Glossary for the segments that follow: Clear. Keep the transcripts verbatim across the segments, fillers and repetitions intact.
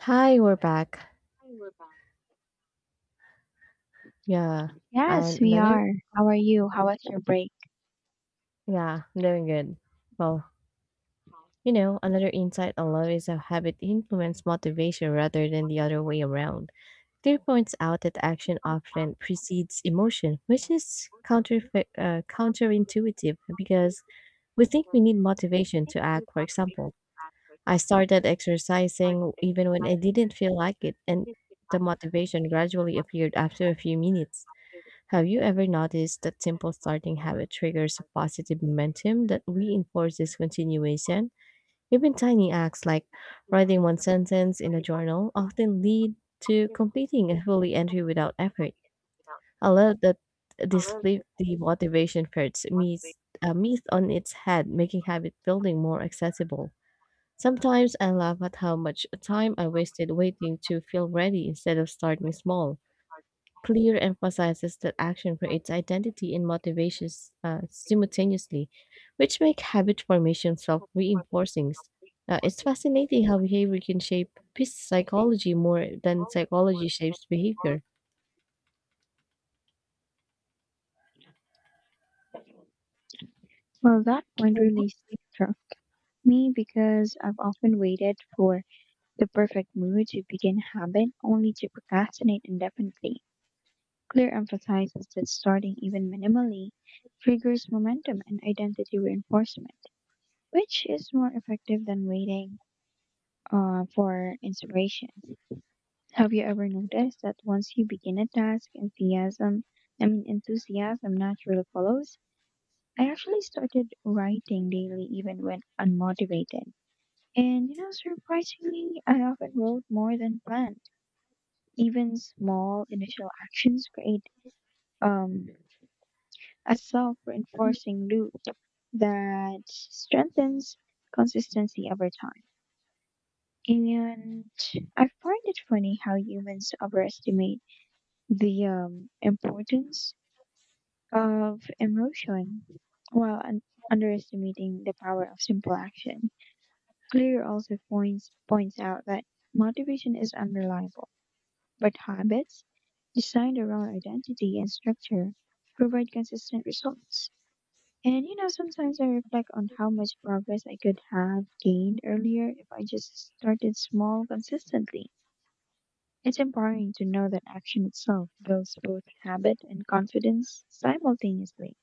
Hi, we're back. Yeah. Yes, And we another, are. How are you? How was your break? yeah, doing good. Well, you know, another insight I love is how habit influence motivation rather than the other way around. Theory points out that action often precedes emotion, which is counter uh, counterintuitive because we think we need motivation to act. For example, I started exercising even when I didn't feel like it, and the motivation gradually appeared after a few minutes. Have you ever noticed that simple starting habit triggers a positive momentum that reinforces continuation? Even tiny acts like writing one sentence in a journal often lead to completing a fully entry without effort. I love that this flip the motivation first meets a myth on its head, making habit building more accessible. Sometimes I laugh at how much time I wasted waiting to feel ready instead of starting small. Clear emphasizes that action creates identity and motivations uh, simultaneously, which make habit formation self-reinforcing. Uh, it's fascinating how behavior can shape peace psychology more than psychology shapes behavior. Well, that point really struck me because I've often waited for the perfect mood to begin habit only to procrastinate indefinitely. Clear emphasizes that starting even minimally triggers momentum and identity reinforcement, which is more effective than waiting uh, for inspiration. Have you ever noticed that once you begin a task, enthusiasm, I mean, enthusiasm naturally follows? I actually started writing daily even when unmotivated. And you know, surprisingly, I often wrote more than planned. Even small initial actions create um, a self reinforcing loop that strengthens consistency over time. And I find it funny how humans overestimate the um, importance of emotion while un- underestimating the power of simple action. Clear also points, points out that motivation is unreliable, but habits designed around identity and structure provide consistent results. And you know, sometimes I reflect on how much progress I could have gained earlier if I just started small consistently. It's empowering to know that action itself builds both habit and confidence simultaneously.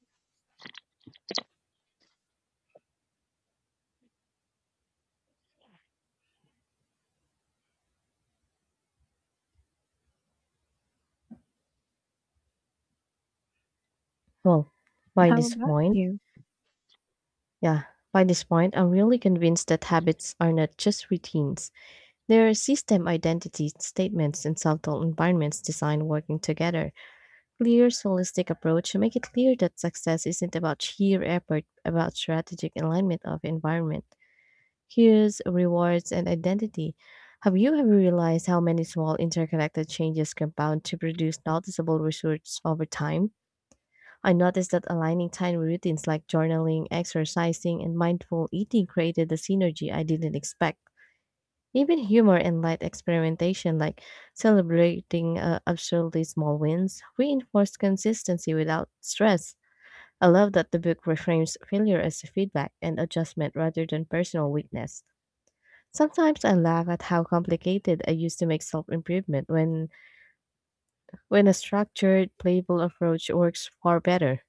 Well, by How this about point, you? yeah, by this point, I'm really convinced that habits are not just routines. They are system identity statements and subtle environments designed working together. Clear, holistic approach make it clear that success isn't about sheer effort, about strategic alignment of environment, cues, rewards, and identity. Have you ever realized how many small interconnected changes compound to produce noticeable results over time? I noticed that aligning tiny routines like journaling, exercising, and mindful eating created the synergy I didn't expect. Even humor and light experimentation, like celebrating uh, absurdly small wins, reinforce consistency without stress. I love that the book reframes failure as feedback and adjustment rather than personal weakness. Sometimes I laugh at how complicated I used to make self improvement when when a structured, playful approach works far better.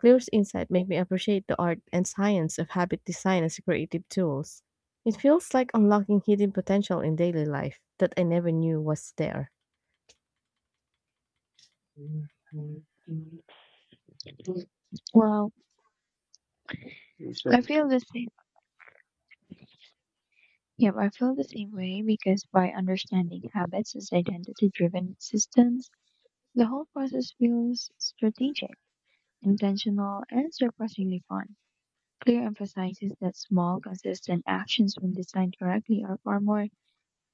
Clear's insight make me appreciate the art and science of habit design as creative tools. It feels like unlocking hidden potential in daily life that I never knew was there. Well, I feel the same. Yep, I feel the same way because by understanding habits as identity driven systems, the whole process feels strategic, intentional, and surprisingly fun. Clear emphasizes that small, consistent actions, when designed correctly, are far more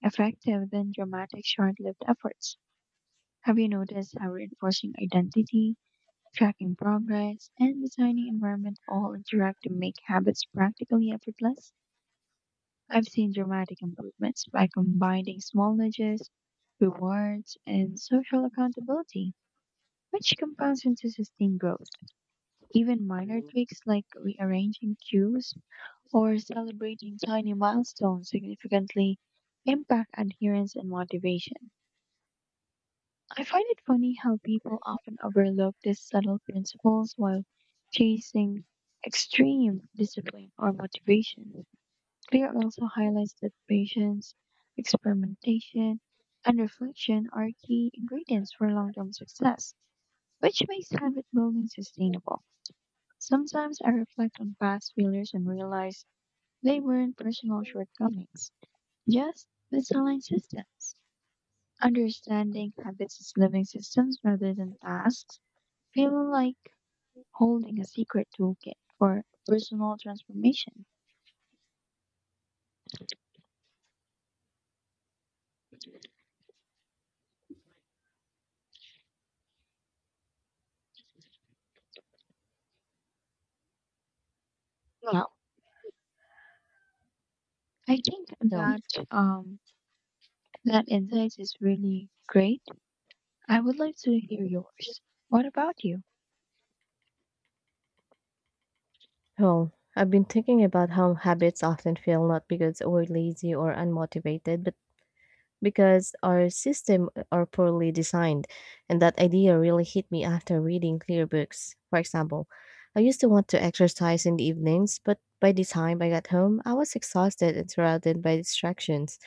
effective than dramatic, short lived efforts. Have you noticed how reinforcing identity, tracking progress, and designing environment all interact to make habits practically effortless? I've seen dramatic improvements by combining small nudges, rewards, and social accountability, which compounds into sustained growth. Even minor tweaks like rearranging cues or celebrating tiny milestones significantly impact adherence and motivation. I find it funny how people often overlook these subtle principles while chasing extreme discipline or motivation. Clear also highlights that patience, experimentation, and reflection are key ingredients for long term success, which makes habit building sustainable. Sometimes I reflect on past failures and realize they weren't personal shortcomings, just misaligned systems. Understanding habits as living systems rather than tasks feel like holding a secret toolkit for personal transformation. Well, I think Well, that um, That insight is really great. I would like to hear yours. What about you? well, I've been thinking about how habits often fail not because we're lazy or unmotivated, but because our system are poorly designed, and that idea really hit me after reading clear books. For example, I used to want to exercise in the evenings, but by the time I got home, I was exhausted and surrounded by distractions,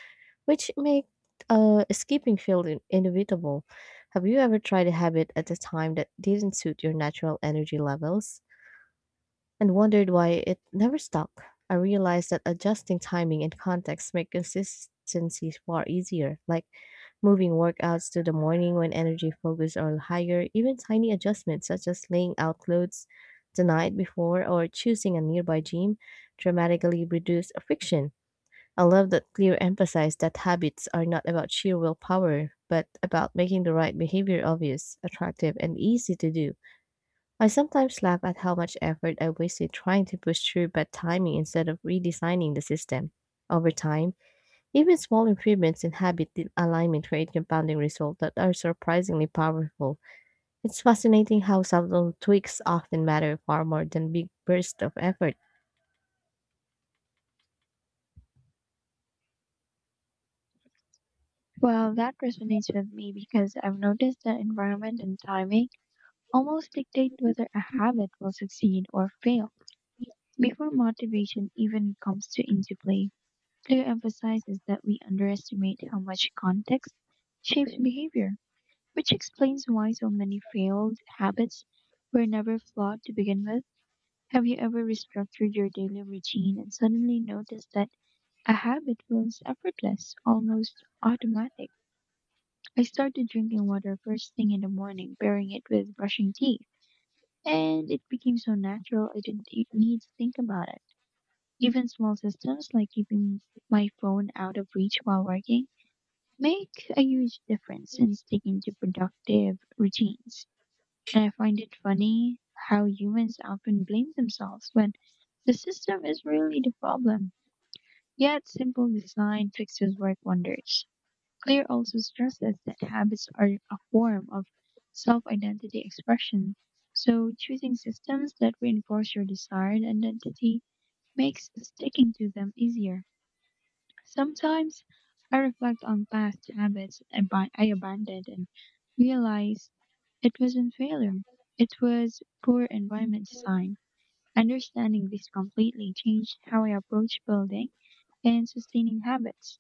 which make uh, skipping feel in- inevitable. Have you ever tried a habit at a time that didn't suit your natural energy levels and wondered why it never stuck? I realized that adjusting timing and context make consistency far easier, like moving workouts to the morning when energy focus are higher. Even tiny adjustments such as laying out clothes the night before or choosing a nearby gym dramatically reduce friction. I love that Clear emphasized that habits are not about sheer willpower, but about making the right behavior obvious, attractive, and easy to do. I sometimes laugh at how much effort I wasted trying to push through bad timing instead of redesigning the system. Over time, even small improvements in habit di- alignment create compounding results that are surprisingly powerful. It's fascinating how subtle tweaks often matter far more than big bursts of effort. Well, that resonates with me because I've noticed that environment and timing almost dictate whether a habit will succeed or fail before motivation even comes to into play. Clear emphasizes that we underestimate how much context shapes behavior, which explains why so many failed habits were never flawed to begin with. Have you ever restructured your daily routine and suddenly noticed that a habit feels effortless, almost automatic? I started drinking water first thing in the morning, pairing it with brushing teeth. And it became so natural I didn't e- need to think about it. Even small systems like keeping my phone out of reach while working make a huge difference in sticking to productive routines. And I find it funny how humans often blame themselves when the system is really the problem. Yet simple design fixes work wonders. Claire also stresses that habits are a form of self identity expression, so choosing systems that reinforce your desired identity makes sticking to them easier. Sometimes I reflect on past habits ab- I abandoned and realize it wasn't failure, it was poor environment design. Understanding this completely changed how I approach building and sustaining habits,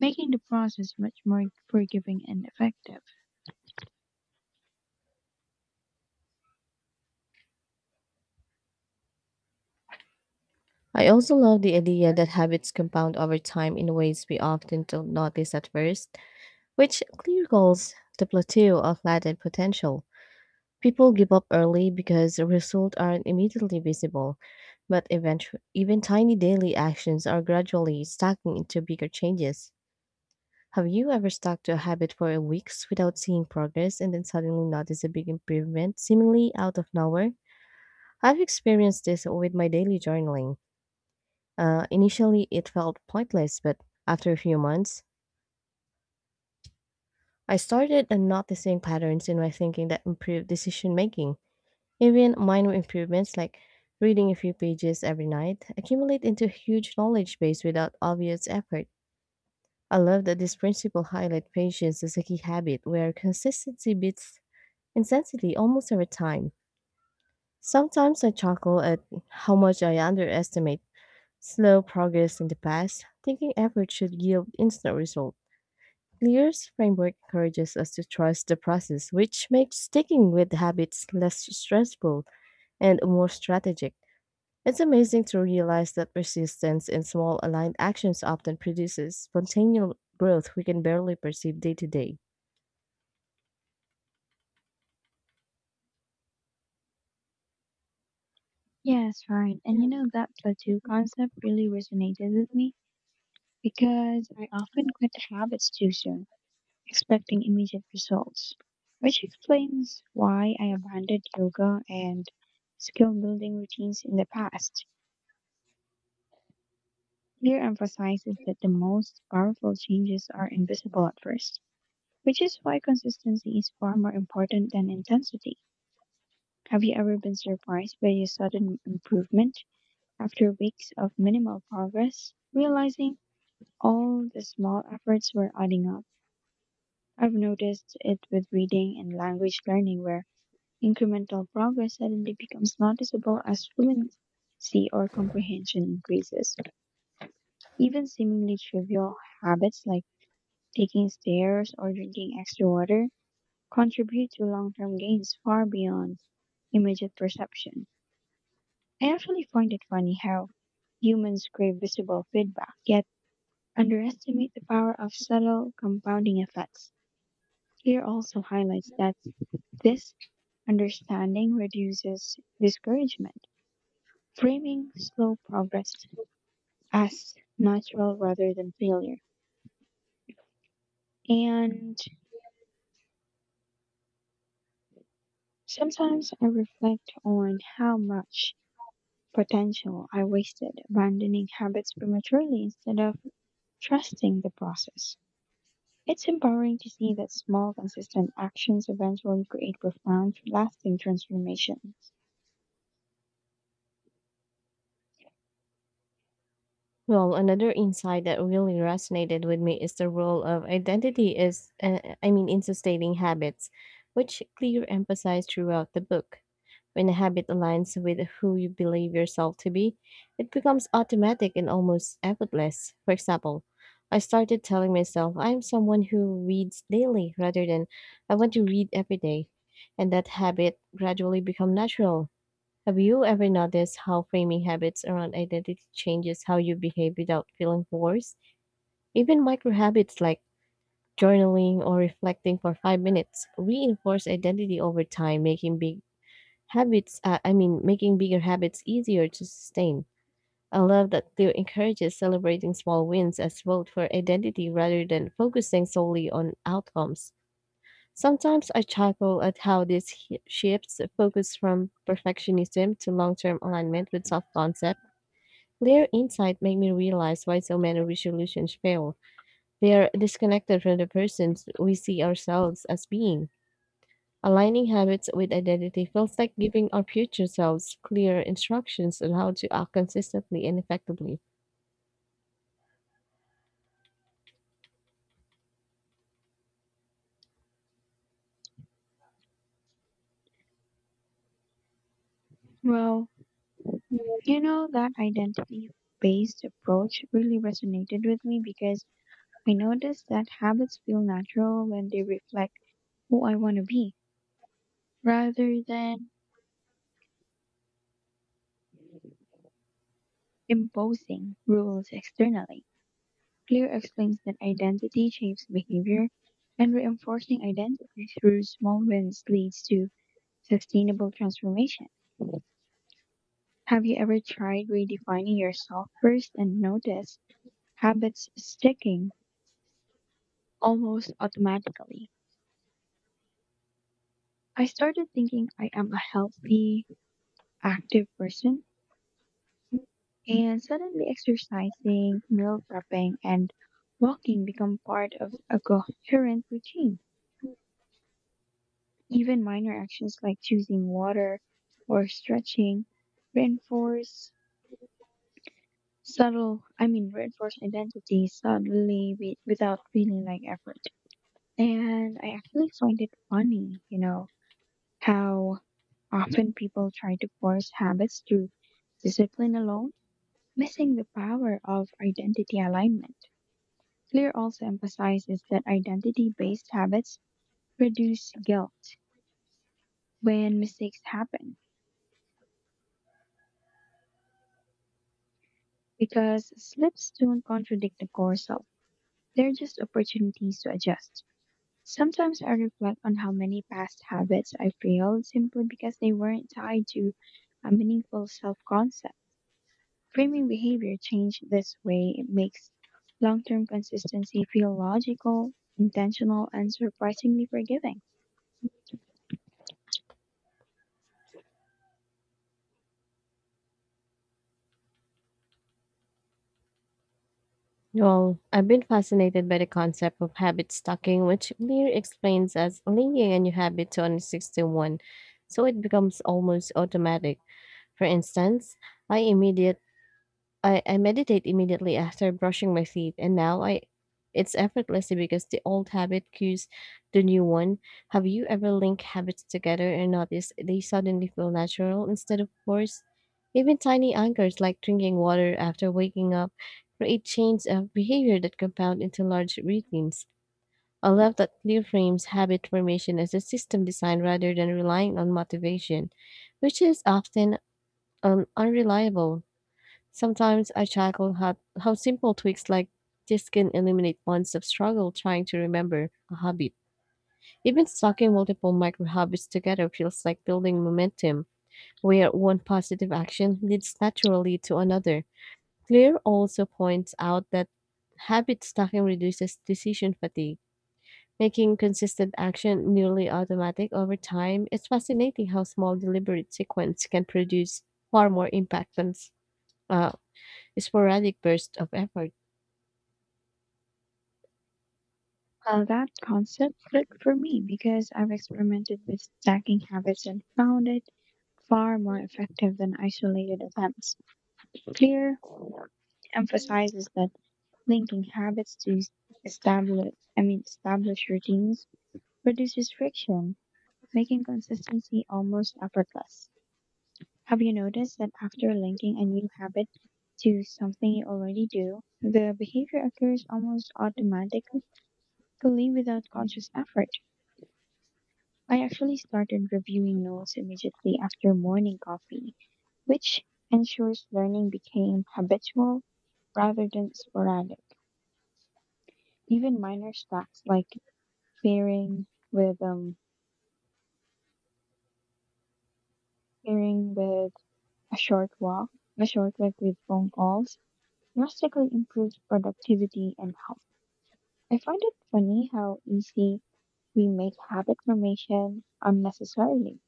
making the process much more forgiving and effective. I also love the idea that habits compound over time in ways we often don't notice at first, which clear goals the plateau of latent potential. People give up early because the results aren't immediately visible, but eventually, even tiny daily actions are gradually stacking into bigger changes. Have you ever stuck to a habit for weeks without seeing progress and then suddenly notice a big improvement, seemingly out of nowhere? I've experienced this with my daily journaling. Uh, initially, it felt pointless, but after a few months, I started noticing patterns in my thinking that improved decision making. Even minor improvements like reading a few pages every night accumulate into a huge knowledge base without obvious effort. I love that this principle highlights patience as a key habit where consistency beats intensity almost every time. Sometimes I chuckle at how much I underestimate slow progress in the past, thinking effort should yield instant result. Lear's framework encourages us to trust the process, which makes sticking with habits less stressful and more strategic. It's amazing to realize that persistence in small aligned actions often produces spontaneous growth we can barely perceive day to day. Yes, right. And you know, that plateau concept really resonated with me because I often quit habits too soon, expecting immediate results, which explains why I abandoned yoga and skill building routines in the past. Clear emphasizes that the most powerful changes are invisible at first, which is why consistency is far more important than intensity. Have you ever been surprised by a sudden improvement after weeks of minimal progress, realizing all the small efforts were adding up? I've noticed it with reading and language learning, where incremental progress suddenly becomes noticeable as fluency or comprehension increases. Even seemingly trivial habits like taking stairs or drinking extra water contribute to long term gains far beyond immediate perception. I actually find it funny how humans crave visible feedback, yet underestimate the power of subtle compounding effects. Here also highlights that this understanding reduces discouragement, framing slow progress as natural rather than failure. And sometimes I reflect on how much potential I wasted abandoning habits prematurely instead of trusting the process. It's empowering to see that small, consistent actions eventually create profound, lasting transformations. Well, another insight that really resonated with me is the role of identity is uh, I mean in sustaining habits, which clear emphasized throughout the book. When a habit aligns with who you believe yourself to be, it becomes automatic and almost effortless. For example, I started telling myself I am someone who reads daily rather than I want to read every day. And that habit gradually become natural. Have you ever noticed how framing habits around identity changes how you behave without feeling forced? Even micro habits like journaling or reflecting for five minutes reinforce identity over time, making big habits, uh, I mean, making bigger habits easier to sustain. I love that Theo encourages celebrating small wins as vote for identity rather than focusing solely on outcomes. Sometimes I chuckle at how this hi- shifts the focus from perfectionism to long term alignment with self concept. Their insight make me realize why so many resolutions fail. They are disconnected from the persons we see ourselves as being. Aligning habits with identity feels like giving our future selves clear instructions on how to act consistently and effectively. Well, you know, that identity based approach really resonated with me because I noticed that habits feel natural when they reflect who I want to be, rather than imposing rules externally. Clear explains that identity shapes behavior, and reinforcing identity through small wins leads to sustainable transformation. Have you ever tried redefining yourself first and noticed habits sticking almost automatically? I started thinking I am a healthy, active person. And suddenly exercising, meal prepping, and walking become part of a coherent routine. Even minor actions like choosing water or stretching reinforce subtle, I mean, reinforce identity subtly wi- without feeling like effort. And I actually find it funny, you know, how often people try to force habits through discipline alone, missing the power of identity alignment. Clear also emphasizes that identity based habits produce guilt when mistakes happen because slips don't contradict the core self. They're just opportunities to adjust. Sometimes I reflect on how many past habits I failed simply because they weren't tied to a meaningful self concept. Framing behavior change this way it makes long term consistency feel logical, intentional, and surprisingly forgiving. Well, I've been fascinated by the concept of habit stacking, which Lear explains as linking a new habit to an existing one, so it becomes almost automatic. For instance, I immediately I, I meditate immediately after brushing my teeth, and now I it's effortlessly because the old habit cues the new one. Have you ever linked habits together and noticed they suddenly feel natural instead of forced? Even tiny anchors like drinking water after waking up create chains of behavior that compound into large routines. I love that clear frames habit formation as a system design rather than relying on motivation, which is often um, unreliable. Sometimes I chuckle how, how simple tweaks like this can eliminate months of struggle trying to remember a habit. Even stacking multiple micro habits together feels like building momentum, where one positive action leads naturally to another. Clear also points out that habit stacking reduces decision fatigue, making consistent action nearly automatic over time. It's fascinating how small deliberate sequence can produce far more impact than s- uh, sporadic bursts of effort. Well, that concept clicked for me because I've experimented with stacking habits and found it far more effective than isolated attempts. Clear emphasizes that linking habits to establish, I mean, established routines reduces friction, making consistency almost effortless. Have you noticed that after linking a new habit to something you already do, the behavior occurs almost automatically without conscious effort? I actually started reviewing notes immediately after morning coffee, which ensures learning became habitual rather than sporadic. Even minor tasks like pairing with um pairing with a short walk, a short walk with phone calls, drastically improves productivity and health. I find it funny how easy we make habit formation unnecessarily.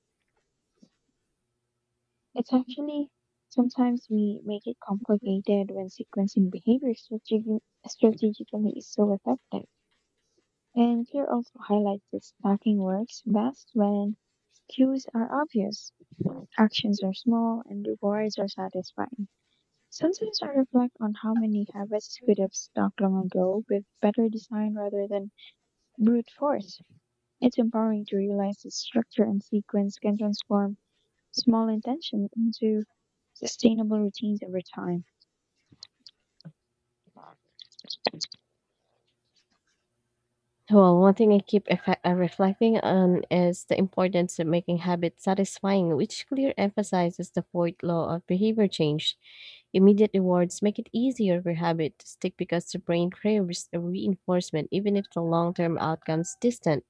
It's actually sometimes we make it complicated when sequencing behavior strategi- strategically is so effective. And here also highlights that stacking works best when cues are obvious, actions are small, and rewards are satisfying. Sometimes I reflect on how many habits could have stuck long ago with better design rather than brute force. It's empowering to realize that structure and sequence can transform small intentions into sustainable routines over time. Well, one thing I keep effe- uh, reflecting on is the importance of making habits satisfying, which clear emphasizes the fourth law of behavior change. Immediate rewards make it easier for habit to stick because the brain craves a reinforcement, even if the long term outcomes distant.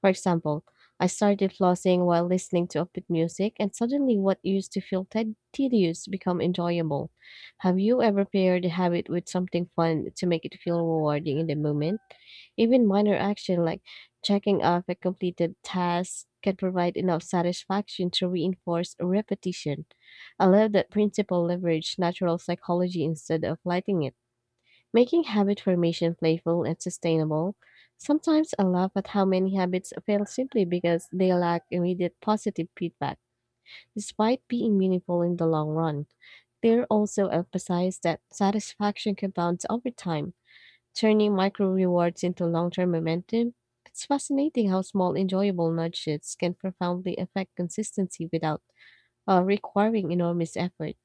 For example, I started flossing while listening to upbeat music, and suddenly what used to feel ted- tedious become enjoyable. Have you ever paired a habit with something fun to make it feel rewarding in the moment? Even minor action like checking off a completed task can provide enough satisfaction to reinforce repetition. I love that principle leverage natural psychology instead of lighting it, making habit formation playful and sustainable. Sometimes I laugh at how many habits fail simply because they lack immediate positive feedback, despite being meaningful in the long run. They also emphasize that satisfaction compounds over time, turning micro rewards into long term momentum. It's fascinating how small, enjoyable nudges can profoundly affect consistency without uh, requiring enormous effort.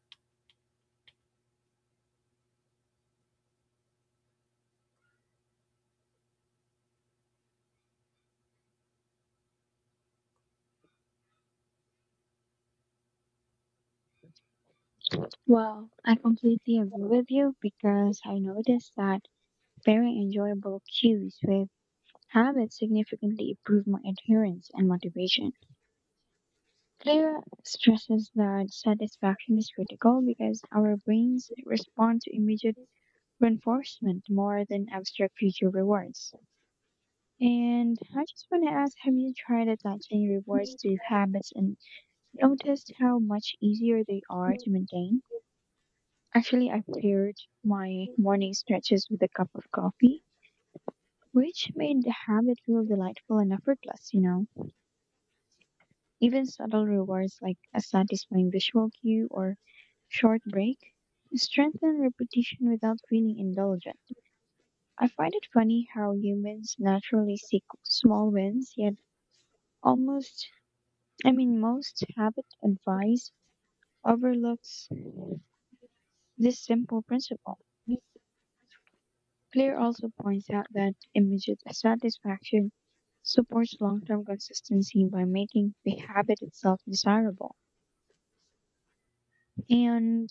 Well, I completely agree with you because I noticed that very enjoyable cues with habits significantly improve my adherence and motivation. Clear stresses that satisfaction is critical because our brains respond to immediate reinforcement more than abstract future rewards. And I just want to ask, have you tried attaching rewards to habits and noticed how much easier they are to maintain? Actually, I paired my morning stretches with a cup of coffee, which made the habit feel delightful and effortless, you know. Even subtle rewards like a satisfying visual cue or short break strengthen repetition without feeling indulgent. I find it funny how humans naturally seek small wins, yet almost, I mean, most habit advice overlooks this simple principle. Clear also points out that immediate satisfaction supports long term consistency by making the habit itself desirable and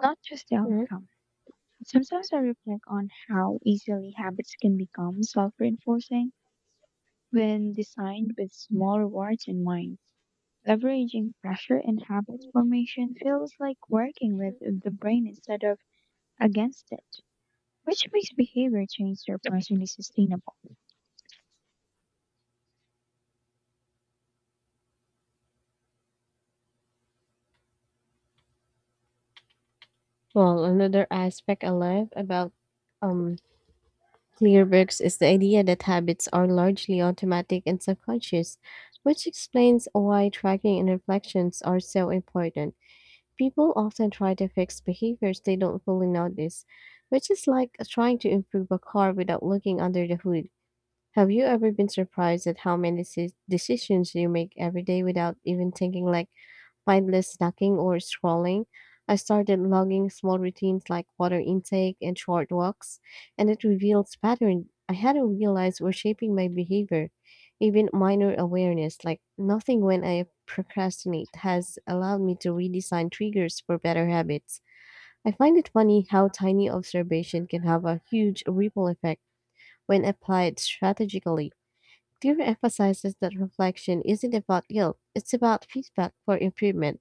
not just the Mhm. outcome. Sometimes I reflect on how easily habits can become self reinforcing when designed with small rewards in mind. Leveraging pressure in habit formation feels like working with the brain instead of against it, which makes behavior change surprisingly sustainable. Well, another aspect I love about um, Clearworks is the idea that habits are largely automatic and subconscious, which explains why tracking and reflections are so important. People often try to fix behaviors they don't fully notice, which is like trying to improve a car without looking under the hood. Have you ever been surprised at how many deci- decisions you make every day without even thinking, like mindless snacking or scrolling? I started logging small routines like water intake and short walks, and it reveals patterns I hadn't realized were shaping my behavior. Even minor awareness, like nothing when I procrastinate, has allowed me to redesign triggers for better habits. I find it funny how tiny observation can have a huge ripple effect when applied strategically. Clear emphasizes that reflection isn't about guilt, it's about feedback for improvement,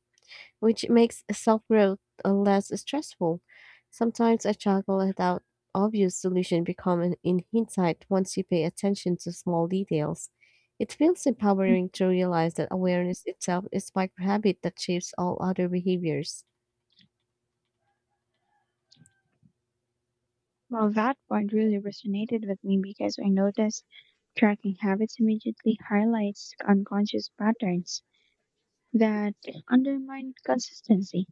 which makes self growth less stressful. Sometimes a struggle without obvious solution become an in hindsight once you pay attention to small details. It feels empowering to realize that awareness itself is micro habit that shapes all other behaviors. Well, that point really resonated with me because I noticed tracking habits immediately highlights unconscious patterns that undermine consistency.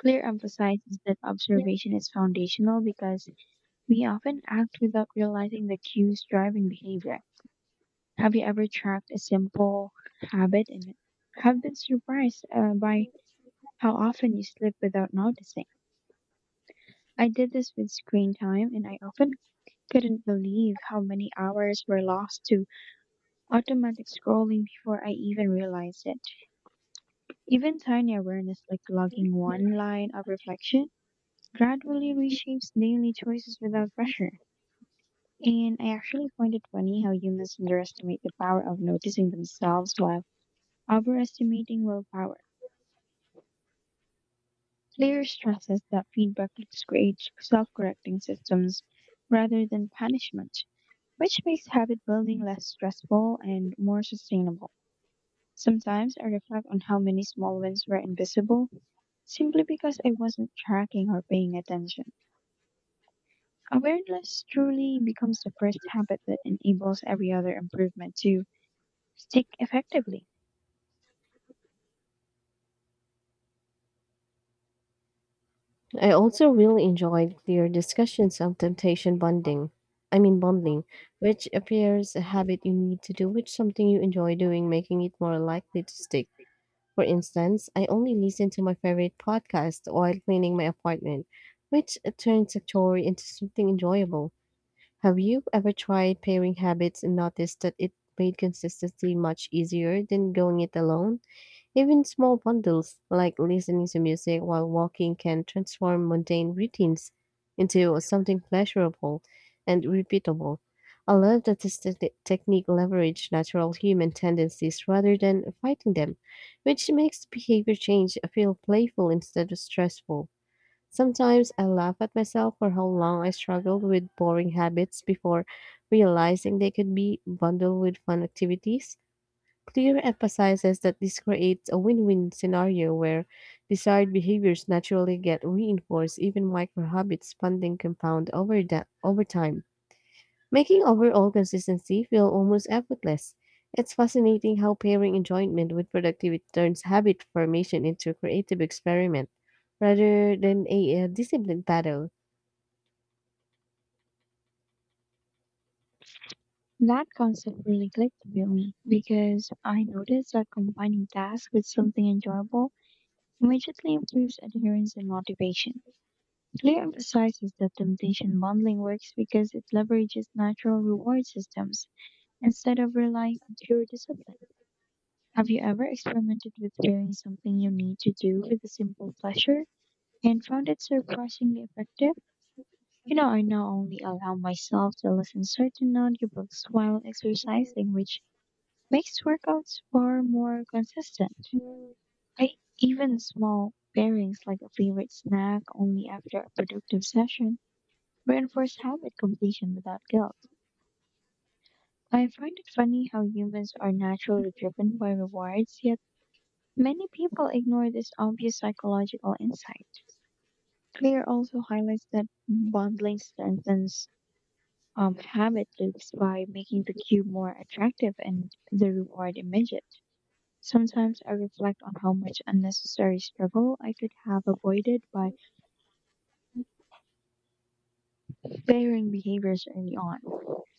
Clear emphasizes that observation is foundational because we often act without realizing the cues driving behavior. Have you ever tracked a simple habit and have been surprised uh, by how often you slip without noticing? I did this with screen time, and I often couldn't believe how many hours were lost to automatic scrolling before I even realized it. Even tiny awareness like logging one line of reflection gradually reshapes daily choices without pressure. And I actually find it funny how humans underestimate the power of noticing themselves while overestimating willpower. Clear stresses that feedback loops create self correcting systems rather than punishment, which makes habit building less stressful and more sustainable. Sometimes I reflect on how many small wins were invisible simply because I wasn't tracking or paying attention. Awareness truly becomes the first habit that enables every other improvement to stick effectively. I also really enjoyed their discussions on temptation bonding. I mean bundling, which appears a habit you need to do with something you enjoy doing, making it more likely to stick. For instance, I only listen to my favorite podcast while cleaning my apartment, which turns a chore into something enjoyable. Have you ever tried pairing habits and noticed that it made consistency much easier than going it alone? Even small bundles, like listening to music while walking, can transform mundane routines into something pleasurable and repeatable. I love that this te- technique leverages natural human tendencies rather than fighting them, which makes behavior change feel playful instead of stressful. Sometimes I laugh at myself for how long I struggled with boring habits before realizing they could be bundled with fun activities. Clear emphasizes that this creates a win win scenario where desired behaviors naturally get reinforced. Even micro habits funding compound over, da- over time, making overall consistency feel almost effortless. It's fascinating how pairing enjoyment with productivity turns habit formation into a creative experiment rather than a, uh disciplined battle. That concept really clicked with me because I noticed that combining tasks with something enjoyable immediately improves adherence and motivation. Clear emphasizes that temptation bundling works because it leverages natural reward systems instead of relying on pure discipline. Have you ever experimented with doing something you need to do with a simple pleasure and found it surprisingly effective? You know, I now only allow myself to listen certain audiobooks while exercising, which makes workouts far more consistent. I even small pairings like a favorite snack only after a productive session reinforce habit completion without guilt. I find it funny how humans are naturally driven by rewards, yet many people ignore this obvious psychological insight. Clear also highlights that bundling strengthens um, habit loops by making the cue more attractive and the reward immediate. Sometimes I reflect on how much unnecessary struggle I could have avoided by pairing behaviors early on.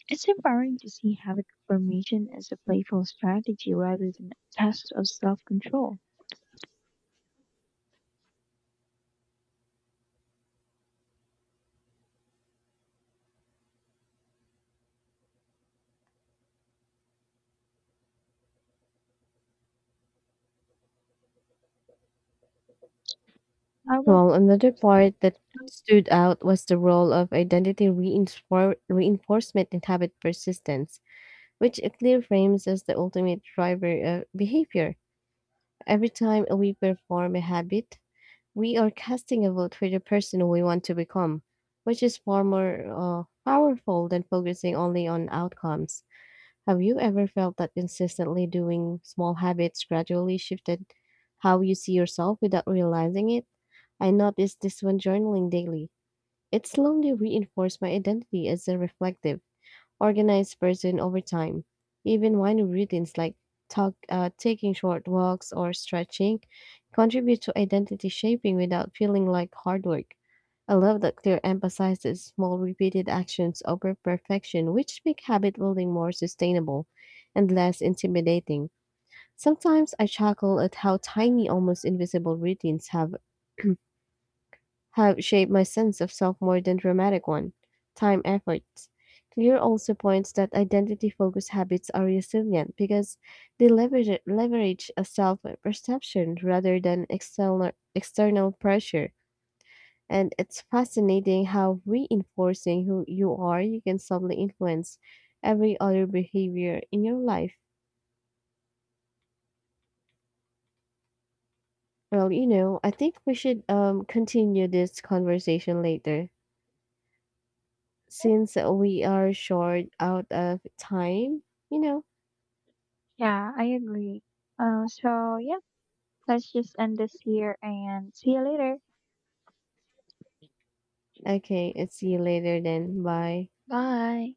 It's empowering to see habit formation as a playful strategy rather than a test of self control. I will, Well, another part that stood out was the role of identity reinfor- reinforcement in habit persistence, which clear frames as the ultimate driver of behavior. Every time we perform a habit, we are casting a vote for the person we want to become, which is far more uh, powerful than focusing only on outcomes. Have you ever felt that consistently doing small habits gradually shifted how you see yourself without realizing it? I noticed this when journaling daily. It slowly reinforced my identity as a reflective, organized person over time. Even minor routines like talk, uh, taking short walks or stretching contribute to identity shaping without feeling like hard work. I love that Clear emphasizes small repeated actions over perfection, which make habit building more sustainable and less intimidating. Sometimes I chuckle at how tiny, almost invisible routines have have shaped my sense of self more than dramatic one. Time efforts. Clear also points that identity focused habits are resilient because they leverage, leverage a self perception rather than external, external pressure. And it's fascinating how reinforcing who you are, you can subtly influence every other behavior in your life. Well, you know, I think we should um, continue this conversation later, since we are short out of time, you know. yeah, I agree. Uh, so, yeah. Let's just end this here and see you later. Okay, I'll see you later then. Bye. Bye.